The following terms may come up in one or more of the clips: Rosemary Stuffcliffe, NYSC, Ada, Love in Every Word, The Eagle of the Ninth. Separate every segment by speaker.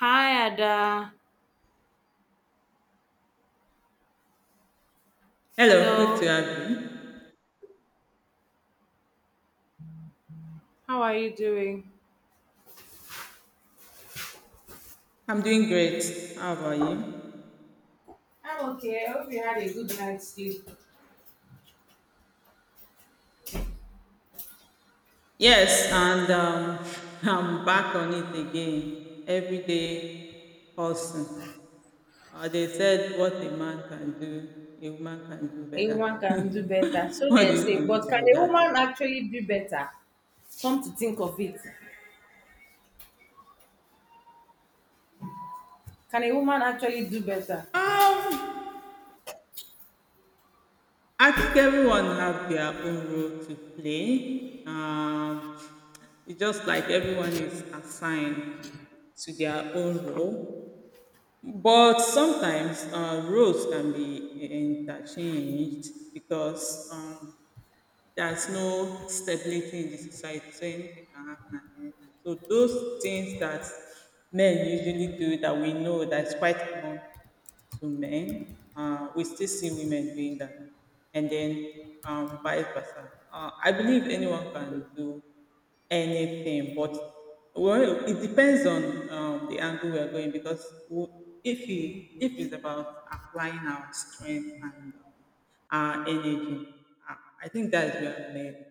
Speaker 1: Hi, Ada.
Speaker 2: Hello, good to
Speaker 1: Hello.
Speaker 2: have you.
Speaker 1: How are you doing?
Speaker 2: I'm doing great. How about you?
Speaker 1: I'm okay. I hope you had a good night's sleep.
Speaker 2: Yes, and I'm back on it again. Everyday hustle. They said what a man can do, a woman can do
Speaker 1: A woman
Speaker 2: better.
Speaker 1: can do better. So
Speaker 2: What
Speaker 1: they
Speaker 2: do you
Speaker 1: say,
Speaker 2: think
Speaker 1: but can
Speaker 2: about
Speaker 1: a woman
Speaker 2: that?
Speaker 1: actually do better? Come to think of it. Can a woman actually do better?
Speaker 2: Um, I think everyone have their own role to play. It's just like everyone is assigned to their own role. But sometimes roles can be interchanged because there's no stability in the society, so anything can happen at any time. So those things that men usually do that we know that's quite common to men, we still see women doing that, and then vice versa. I believe anyone can do anything, but well, it depends on the angle we are going because if it's about applying our strength and our energy, I I think that is where men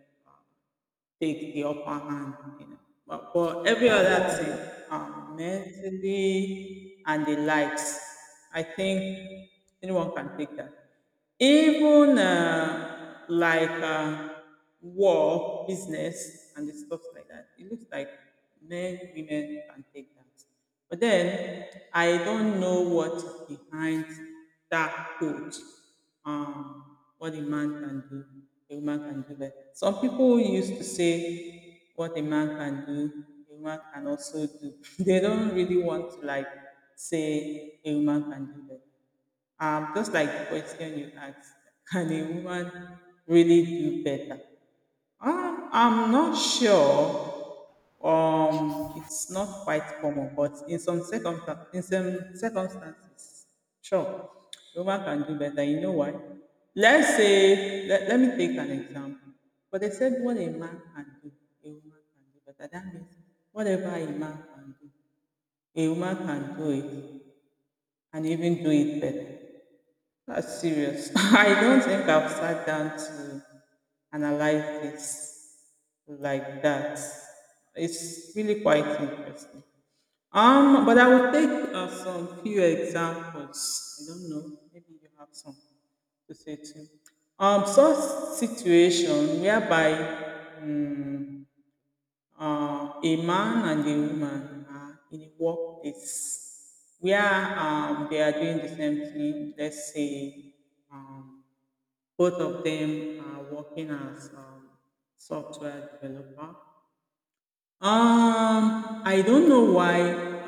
Speaker 2: take the upper hand, you know. But every other thing, mentally and the likes, I think anyone can take that. Even like war, business, and the stuff like that. It looks like men, women can take that. But then I don't know what behind that quote, what a man can do, a woman can do better. Some people used to say what a man can do, a woman can also do. They don't really want to like say a woman can do better. Just like the question you asked, can a woman really do better? I'm not sure. It's not quite common, but in some circumstances, sure, the woman can do better. You know why? Let me take an example. But they said what a man can do, a woman can do better. That means whatever a man can do, a woman can do it and even do it better. That's serious. I don't think I've sat down to analyze this like that. It's really quite interesting. But I will take some few examples. I don't know. Maybe you have some to say too. Such situation whereby. mm a man and a woman are in a workplace where they are doing the same thing. Let's say um, both of them are working as software developer. I don't know why.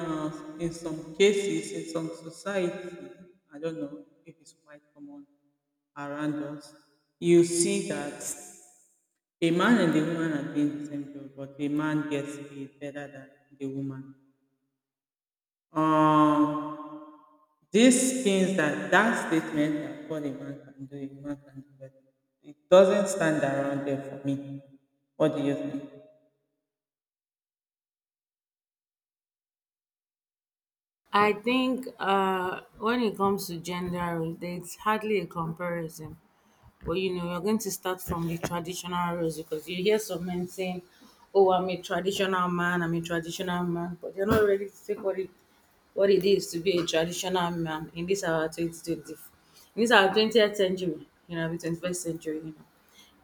Speaker 2: In some cases, in some society, I don't know if it's quite common around us. You see that a man and a woman are doing the same job, but a man gets paid better than the woman. Um, these things that that statement that what a man can do, a woman can do better. It doesn't stand around there for me. What do you think?
Speaker 1: I think when it comes to gender roles, there's hardly a comparison. But you know, you're going to start from the traditional roles because you hear some men saying, oh, I'm a traditional man, I'm a traditional man, but they're not ready to take what it is to be a traditional man in this our 2020, in this our 20th century, you know, the 21st century, you know.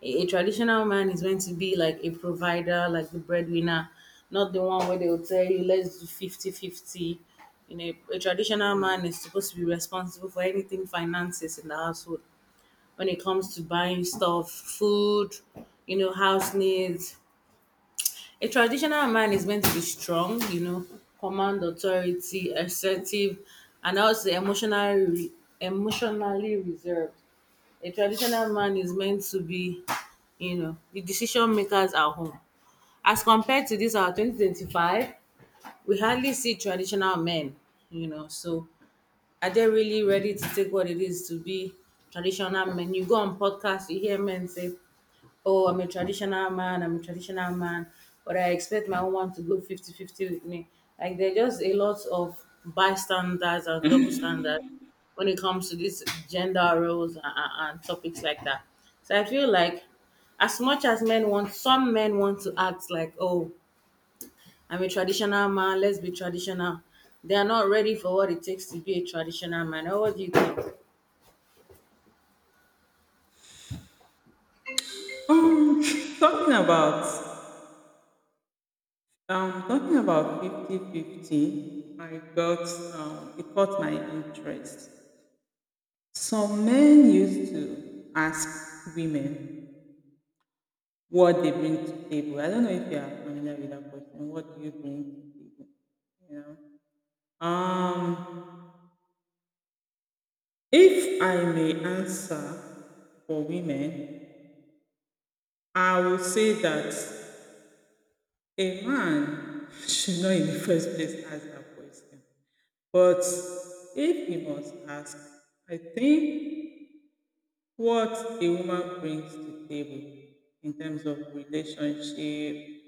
Speaker 1: A traditional man is meant to be like a provider, like the breadwinner, not the one where they will tell you, let's do 50/50. You know, a traditional man is supposed to be responsible for anything finances in the household when it comes to buying stuff, food, you know, house needs. A traditional man is meant to be strong, you know, command authority, assertive, and also emotionally reserved. A traditional man is meant to be, you know, the decision makers at home. As compared to this, our 2025, we hardly see traditional men, you know. So, are they really ready to take what it is to be traditional men? You go on podcasts, you hear men say, oh, I'm a traditional man, I'm a traditional man, but I expect my woman to go 50/50 with me. Like, there are just a lot of bystanders and double standards when it comes to these gender roles and topics like that. So, I feel like as much as men want, some men want to act like, oh, I'm a traditional man, let's be traditional. They are not ready for what it takes to be a traditional man. Or what do you think?
Speaker 2: Um, talking about talking about fifty-fifty. I got it caught my interest. Some men used to ask women what they bring to table. I don't know if you are familiar with that question. What do you bring to table? You know? Um, if I may answer for women, I will say that a man should not in the first place ask that question. But if he must ask, I think what a woman brings to the table in terms of relationship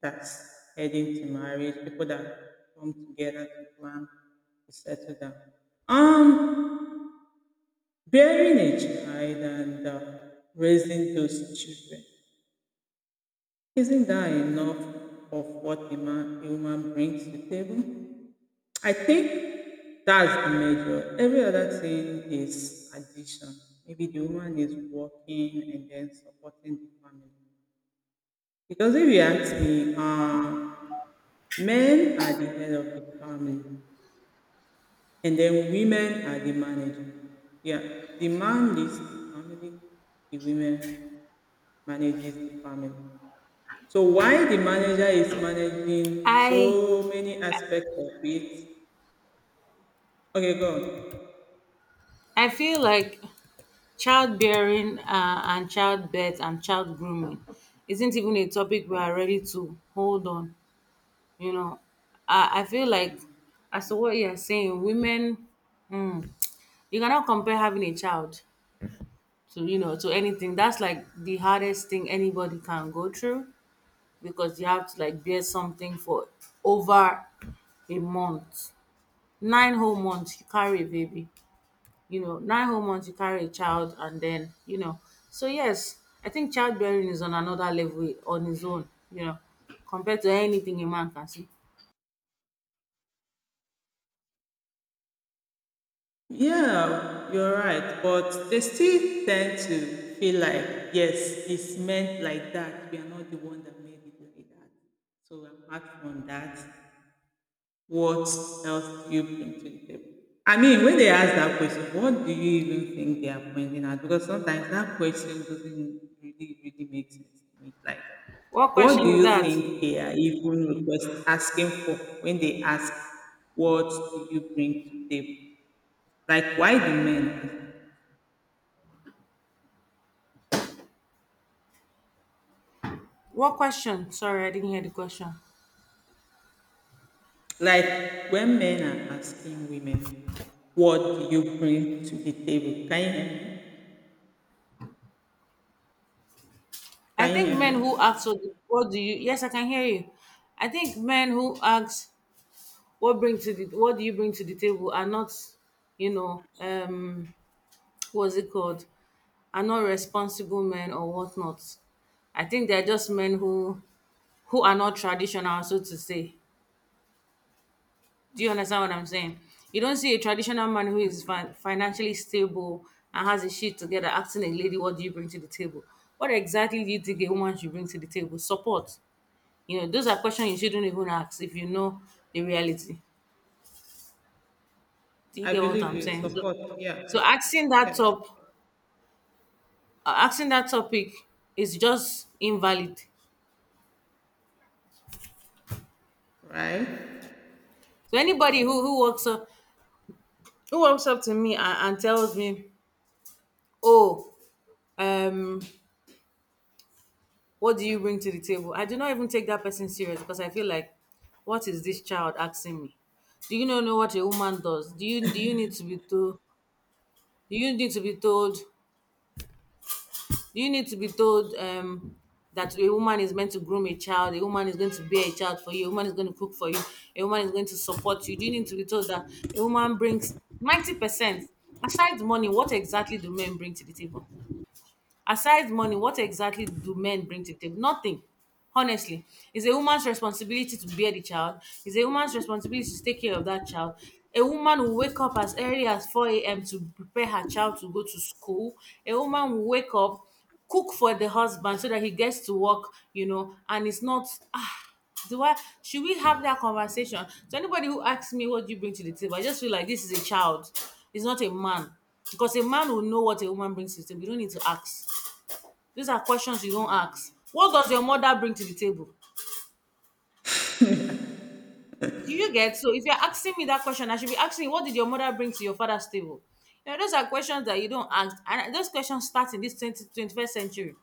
Speaker 2: that's heading to marriage, people that come together to plan to settle down. Um, Bearing a child and raising those children, isn't that enough of what a woman brings to the table? I think that's the major. Every other thing is addition. Maybe the woman is working and then supporting the family. Because if you ask me, men are the head of the family, and then women are the manager. Yeah, the man leads the family, the women manages the family. So why the manager is managing
Speaker 1: I
Speaker 2: so many aspects of it? Okay, go on.
Speaker 1: I feel like childbearing and childbirth and child grooming isn't even a topic we are ready to hold on. You know, I feel like as to what you're saying, women, mm, you cannot compare having a child to to anything. That's like the hardest thing anybody can go through because you have to like bear something for over a month, 9 whole months. You carry a baby, you know, 9 whole months you carry a child and then, you know. So yes, I think childbearing is on another level on its own, you know, compared to anything a man can see.
Speaker 2: Yeah, you're right. But they still tend to feel like, yes, it's meant like that. We are not the one that made it like that. So apart from that, what else do you bring to the table? I mean, when they ask that question, what do you even think they are pointing at? Because sometimes that question doesn't really, really make sense to me. Like,
Speaker 1: What
Speaker 2: what do
Speaker 1: question is
Speaker 2: you
Speaker 1: that?
Speaker 2: think they are even request asking for when they ask, what do you bring to the table? Like, why do men ask?
Speaker 1: What question? Sorry, I didn't hear the question.
Speaker 2: Like, when men are asking women, what do you bring to the table? Can you hear me?
Speaker 1: I
Speaker 2: Can you
Speaker 1: think
Speaker 2: hear
Speaker 1: men
Speaker 2: me?
Speaker 1: who ask what— what do you— yes, I can hear you. I think men who ask what do you bring to the table are not, you know, was it called, are not responsible men or whatnot. I think they're just men who are not traditional, so to say. Do you understand what I'm saying? You don't see a traditional man who is financially stable and has his shit together asking a lady, what do you bring to the table? What exactly do you think a woman should bring to the table? Support. You know, those are questions you shouldn't even ask if you know the reality. Do you
Speaker 2: I
Speaker 1: get what
Speaker 2: believe
Speaker 1: I'm
Speaker 2: in
Speaker 1: saying? So,
Speaker 2: support. Yeah.
Speaker 1: so asking that
Speaker 2: Yes.
Speaker 1: top, uh, asking that topic is just invalid.
Speaker 2: Right.
Speaker 1: So anybody who walks up to me and tells me, "Oh, um, what do you bring to the table?" I do not even take that person serious because I feel like, what is this child asking me? Do you not know what a woman does? Do you need to be told? Do you need to be told? Do you need to be told that a woman is meant to groom a child, a woman is going to bear a child for you, a woman is going to cook for you, a woman is going to support you? Do you need to be told that a woman brings 90%? Aside money, what exactly do men bring to the table? Aside money, what exactly do men bring to the table? Nothing. Honestly, it's a woman's responsibility to bear the child. It's a woman's responsibility to take care of that child. A woman will wake up as early as 4 a.m. to prepare her child to go to school. A woman will wake up, cook for the husband so that he gets to work, you know, and it's not, ah, do I, should we have that conversation? So, anybody who asks me, what do you bring to the table? I just feel like this is a child, it's not a man. Because a man will know what a woman brings to the table. You don't need to ask. These are questions you don't ask. What does your mother bring to the table? Do you get? So if you're asking me that question, I should be asking, what did your mother bring to your father's table? You know, those are questions that you don't ask. And those questions start in this twenty twenty first century,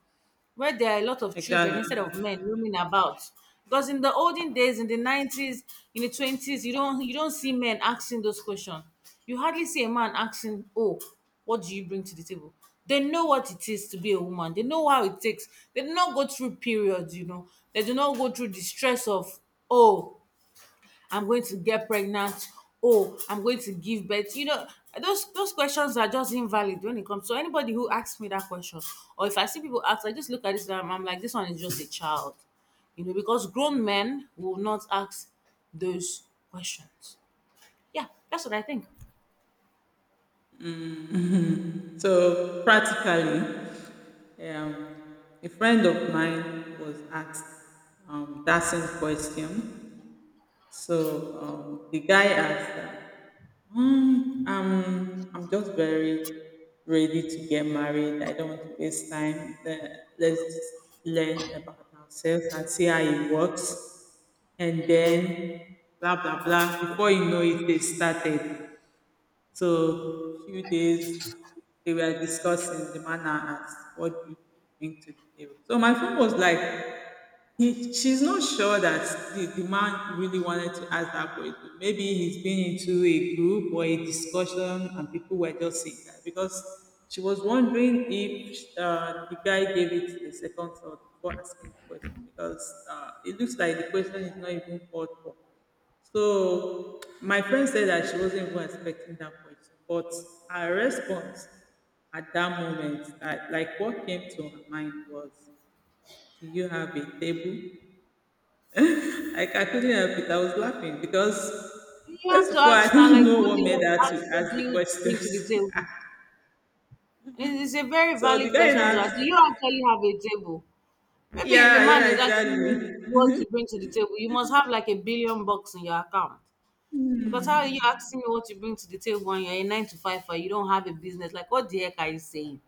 Speaker 1: where there are a lot of children
Speaker 2: Exactly.
Speaker 1: instead of men roaming about. Because in the olden days, in the 90s, in the 20s, you don't see men asking those questions. You hardly see a man asking, "Oh, what do you bring to the table?" They know what it is to be a woman. They know how it takes. They do not go through periods, you know. They do not go through the stress of, "Oh, I'm going to get pregnant. Oh, I'm going to give birth." You know, those questions are just invalid when it comes. So anybody who asks me that question, or if I see people ask, I just look at this and I'm like, this one is just a child. You know, because grown men will not ask those questions. Yeah, that's what I think.
Speaker 2: So practically, um, a friend of mine was asked that same question. So um, the guy asked her, "Hmm, I'm just very ready to get married. I don't want to waste time. Let's just learn about ourselves and see how it works. And then, blah, blah, blah. Before you know it, they started." So few days they were discussing the manner now what you bring to the table? So my friend was like, she's not sure that the man really wanted to ask that question. Maybe he's been into a group or a discussion and people were just saying that because she was wondering if the guy gave it a second thought before asking the question because it looks like the question is not even called for. So my friend said that she wasn't even expecting that question, but her response at that moment, like what came to her mind was, "Do you have a table?" Like I couldn't help it. I was laughing because
Speaker 1: You have
Speaker 2: first
Speaker 1: to
Speaker 2: of all, I
Speaker 1: ask now,
Speaker 2: don't
Speaker 1: like,
Speaker 2: know
Speaker 1: who do
Speaker 2: what made
Speaker 1: you
Speaker 2: her to
Speaker 1: ask? Who
Speaker 2: ask
Speaker 1: do
Speaker 2: the
Speaker 1: you bring to the
Speaker 2: questions.
Speaker 1: table? It's a very
Speaker 2: So the
Speaker 1: valid
Speaker 2: guy
Speaker 1: question. Zara. Do
Speaker 2: asked,
Speaker 1: you actually have a table? Maybe if a
Speaker 2: "Yeah,
Speaker 1: man
Speaker 2: yeah,
Speaker 1: is asking you what
Speaker 2: exactly."
Speaker 1: you bring to the table, you must have like a billion bucks in your account. Because how are you
Speaker 2: Hmm.
Speaker 1: asking me what you bring to the table and you're a nine to five and you don't have a business? Like, what the heck are you saying?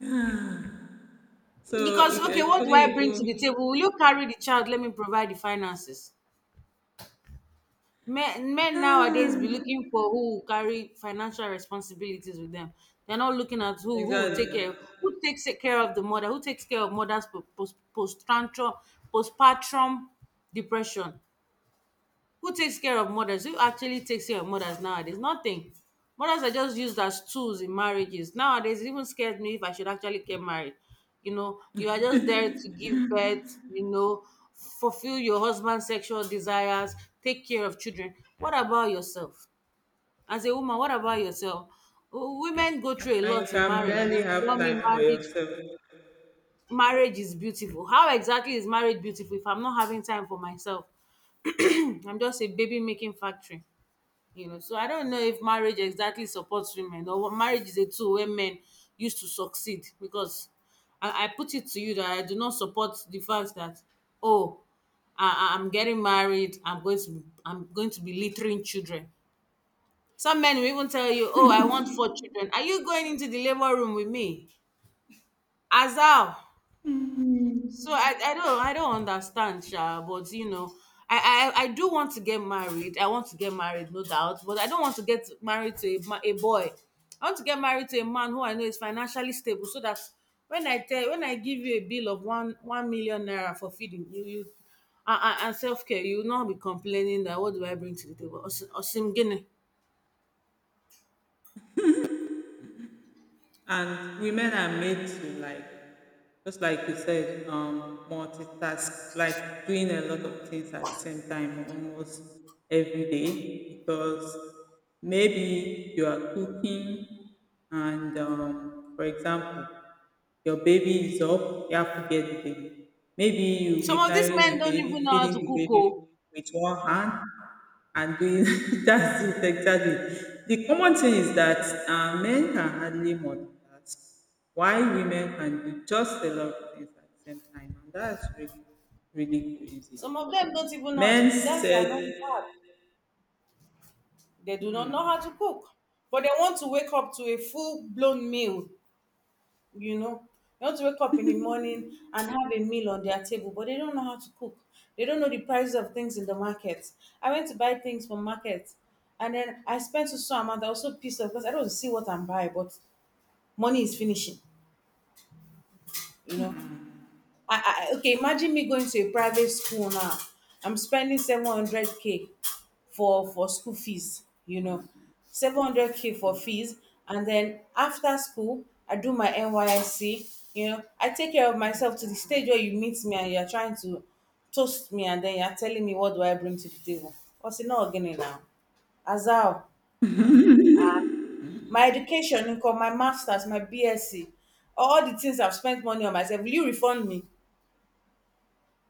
Speaker 1: Because, okay,
Speaker 2: it
Speaker 1: what do
Speaker 2: couldn't
Speaker 1: I bring to the
Speaker 2: even.
Speaker 1: table? Will you carry the child? Let me provide the finances. Men, men nowadays be
Speaker 2: Ah,
Speaker 1: looking for who will carry financial responsibilities with them. They're not looking at
Speaker 2: exactly.
Speaker 1: who takes care of the mother, who takes care of mother's post post postpartum postpartum depression. Who takes care of mothers? Who actually takes care of mothers nowadays? Nothing. Mothers are just used as tools in marriages. Nowadays, it even scares me if I should actually get married. You know, you are just there to give birth, you know, fulfill your husband's sexual desires, take care of children. What about yourself? As a woman, what about yourself? Women go through a
Speaker 2: And you
Speaker 1: lot in
Speaker 2: can
Speaker 1: marriage and then
Speaker 2: barely
Speaker 1: they
Speaker 2: have
Speaker 1: tell
Speaker 2: time
Speaker 1: me
Speaker 2: for yourself.
Speaker 1: marriage is beautiful. How exactly is marriage beautiful if I'm not having time for myself? I'm just a baby making factory. You know, so I don't know if marriage exactly supports women, or what— marriage is a tool where men use to succeed because I put it to you that I do not support the fact that, oh, I'm getting married, I'm going to be littering children. Some men will even tell you, oh, I want four children. Are you going into the labor room with me? As how? So I don't understand, Sha, but you know, I do want to get married. I want to get married, no doubt, but I don't want to get married to a boy. I want to get married to a man who I know is financially stable, so that when I give you a bill of one million naira for feeding you and self-care, you will not be complaining that what do I bring to the table? Osim Osim Gini.
Speaker 2: And women are made to like, just like you said, multitask, like doing a lot of things at the same time almost every day because maybe you are cooking and, for example, your baby is up, you have to get the baby. Maybe you'll
Speaker 1: Some
Speaker 2: be
Speaker 1: of these
Speaker 2: carrying
Speaker 1: men
Speaker 2: the
Speaker 1: don't even
Speaker 2: baby,
Speaker 1: know how
Speaker 2: feeding
Speaker 1: to
Speaker 2: the
Speaker 1: cook.
Speaker 2: baby
Speaker 1: Oh.
Speaker 2: with one hand and doing that's it exactly. The common thing is that men can hardly multitask, while women can do just a lot of things at the same time, and that's really, really crazy.
Speaker 1: Some of them don't even know how to
Speaker 2: Men
Speaker 1: cook. That's their another
Speaker 2: said,
Speaker 1: part. They do not know how to cook, but they want to wake up to a full blown meal, you know. They want to wake up in the morning and have a meal on their table, but they don't know how to cook. They don't know the prices of things in the market. I went to buy things from market and then I spent so so amount. I was so pissed off because I don't see what I'm buying, but money is finishing, you know. Okay, imagine me going to a private school now. I'm spending 700K for school fees, you know. 700K for fees and then after school I do my NYSC, you know. I take care of myself to the stage where you meet me and you're trying to toast me and then you're telling me what do I bring to the table. What's it not again now? Azal, my education income, my masters, my BSc, all the things I've spent money on myself, will you refund me?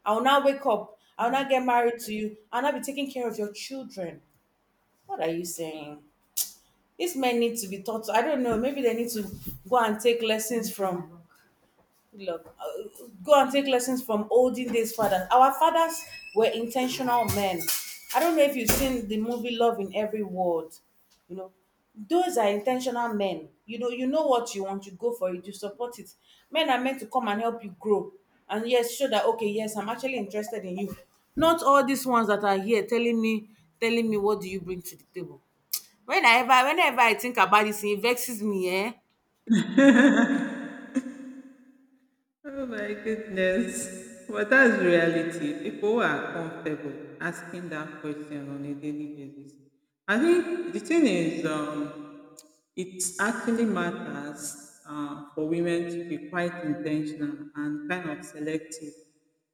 Speaker 1: I will now wake up. I will now get married to you. I'll now be taking care of your children. What are you saying? These men need to be taught. I don't know. Maybe they need to go and take lessons from— look, go and take lessons from olden days fathers. Our fathers were intentional men. I don't know if you've seen the movie Love in Every Word. You know, those are intentional men. You know what you want, you go for it, you support it. Men are meant to come and help you grow. And yes, show that, okay, yes, I'm actually interested in you. Not all these ones that are here telling me what do you bring to the table. When I ever, whenever I think about this, it vexes me, eh?
Speaker 2: oh my goodness. But that's reality. People who are comfortable asking that question on a daily basis. I think the thing is, it actually matters for women to be quite intentional and kind of selective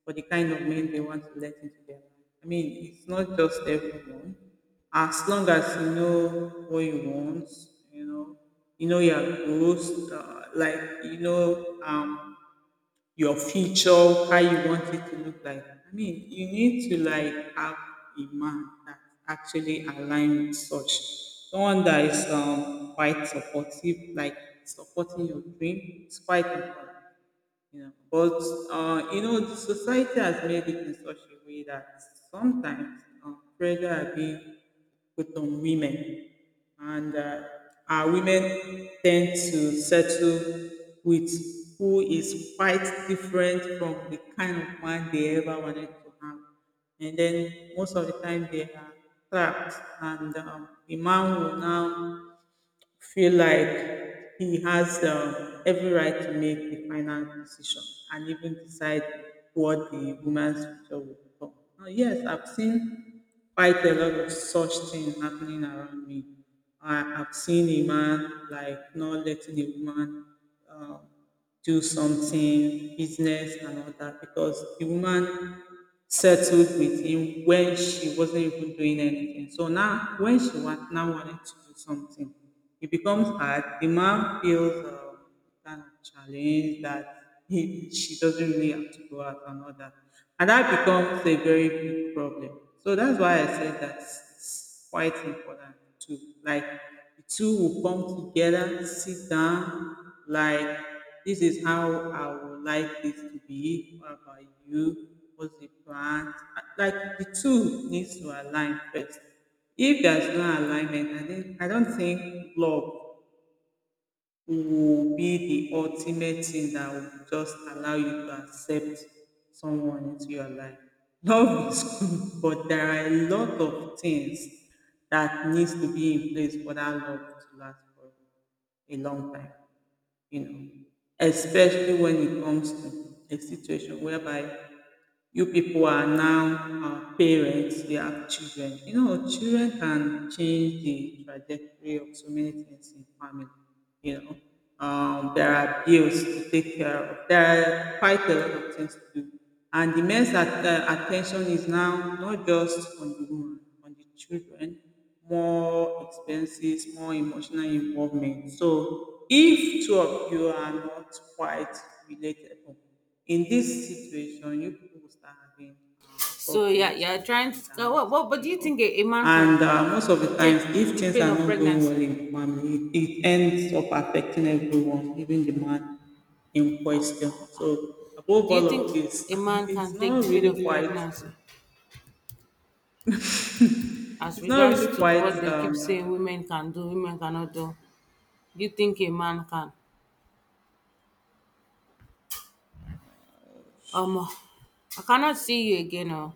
Speaker 2: for the kind of men they want to let into their life. I mean, it's not just everyone. As long as you know what you want, you know, you know your goals, like you know your future, how you want it to look like. I mean, you need to like have a man that actually align with such, someone that is quite supportive, like supporting your dream. It's quite important. Yeah. But you know, the society has made it in such a way that sometimes pressure are being put on women, and our women tend to settle with who is quite different from the kind of man they ever wanted to have. And then most of the time they are trapped, and the man will now feel like he has every right to make the final decision and even decide what the woman's future will become. Now, yes, I've seen quite a lot of such things happening around me. I've seen a man like not letting a woman um, do something, business and all that, because the woman settled with him when she wasn't even doing anything. So now, now wanted to do something, it becomes hard. The man feels kind of challenged that she doesn't really have to go out and all that. And that becomes a very big problem. So that's why I said that is quite important too. Like the two will come together, sit down, like this is how I would like this to be. What about you? What's the plan? Like the two needs to align first. If there's no alignment, I don't think love will be the ultimate thing that will just allow you to accept someone into your life. Love is good, but there are a lot of things that needs to be in place for that love to last for a long time, you know. Especially when it comes to a situation whereby you people are now parents, they have children. You know, children can change the trajectory of so many things in family. There are bills to take care of. There are quite a lot of things to do, and the men's attention is now not just on the woman, on the children. More expenses, more emotional involvement. So, if two of you are not quite related or in this situation, you people will start having
Speaker 1: So yeah,
Speaker 2: problems,
Speaker 1: you're
Speaker 2: ups
Speaker 1: trying
Speaker 2: and
Speaker 1: to.
Speaker 2: downs,
Speaker 1: But
Speaker 2: you
Speaker 1: do you
Speaker 2: know.
Speaker 1: think a man
Speaker 2: And
Speaker 1: can
Speaker 2: most of the times,
Speaker 1: take
Speaker 2: if
Speaker 1: the
Speaker 2: things
Speaker 1: pain
Speaker 2: are
Speaker 1: of
Speaker 2: not going well
Speaker 1: pregnancy?
Speaker 2: in the family, it ends up affecting everyone, even the man in question. So, above
Speaker 1: Do you
Speaker 2: all
Speaker 1: think
Speaker 2: of this,
Speaker 1: a man
Speaker 2: it's
Speaker 1: can take
Speaker 2: not
Speaker 1: the pain
Speaker 2: really
Speaker 1: of
Speaker 2: quite,
Speaker 1: pregnancy as
Speaker 2: it's not
Speaker 1: regards
Speaker 2: really
Speaker 1: to
Speaker 2: quite
Speaker 1: what they keep saying women can do, women cannot do? Do you think a man can? I cannot see you again. Oh.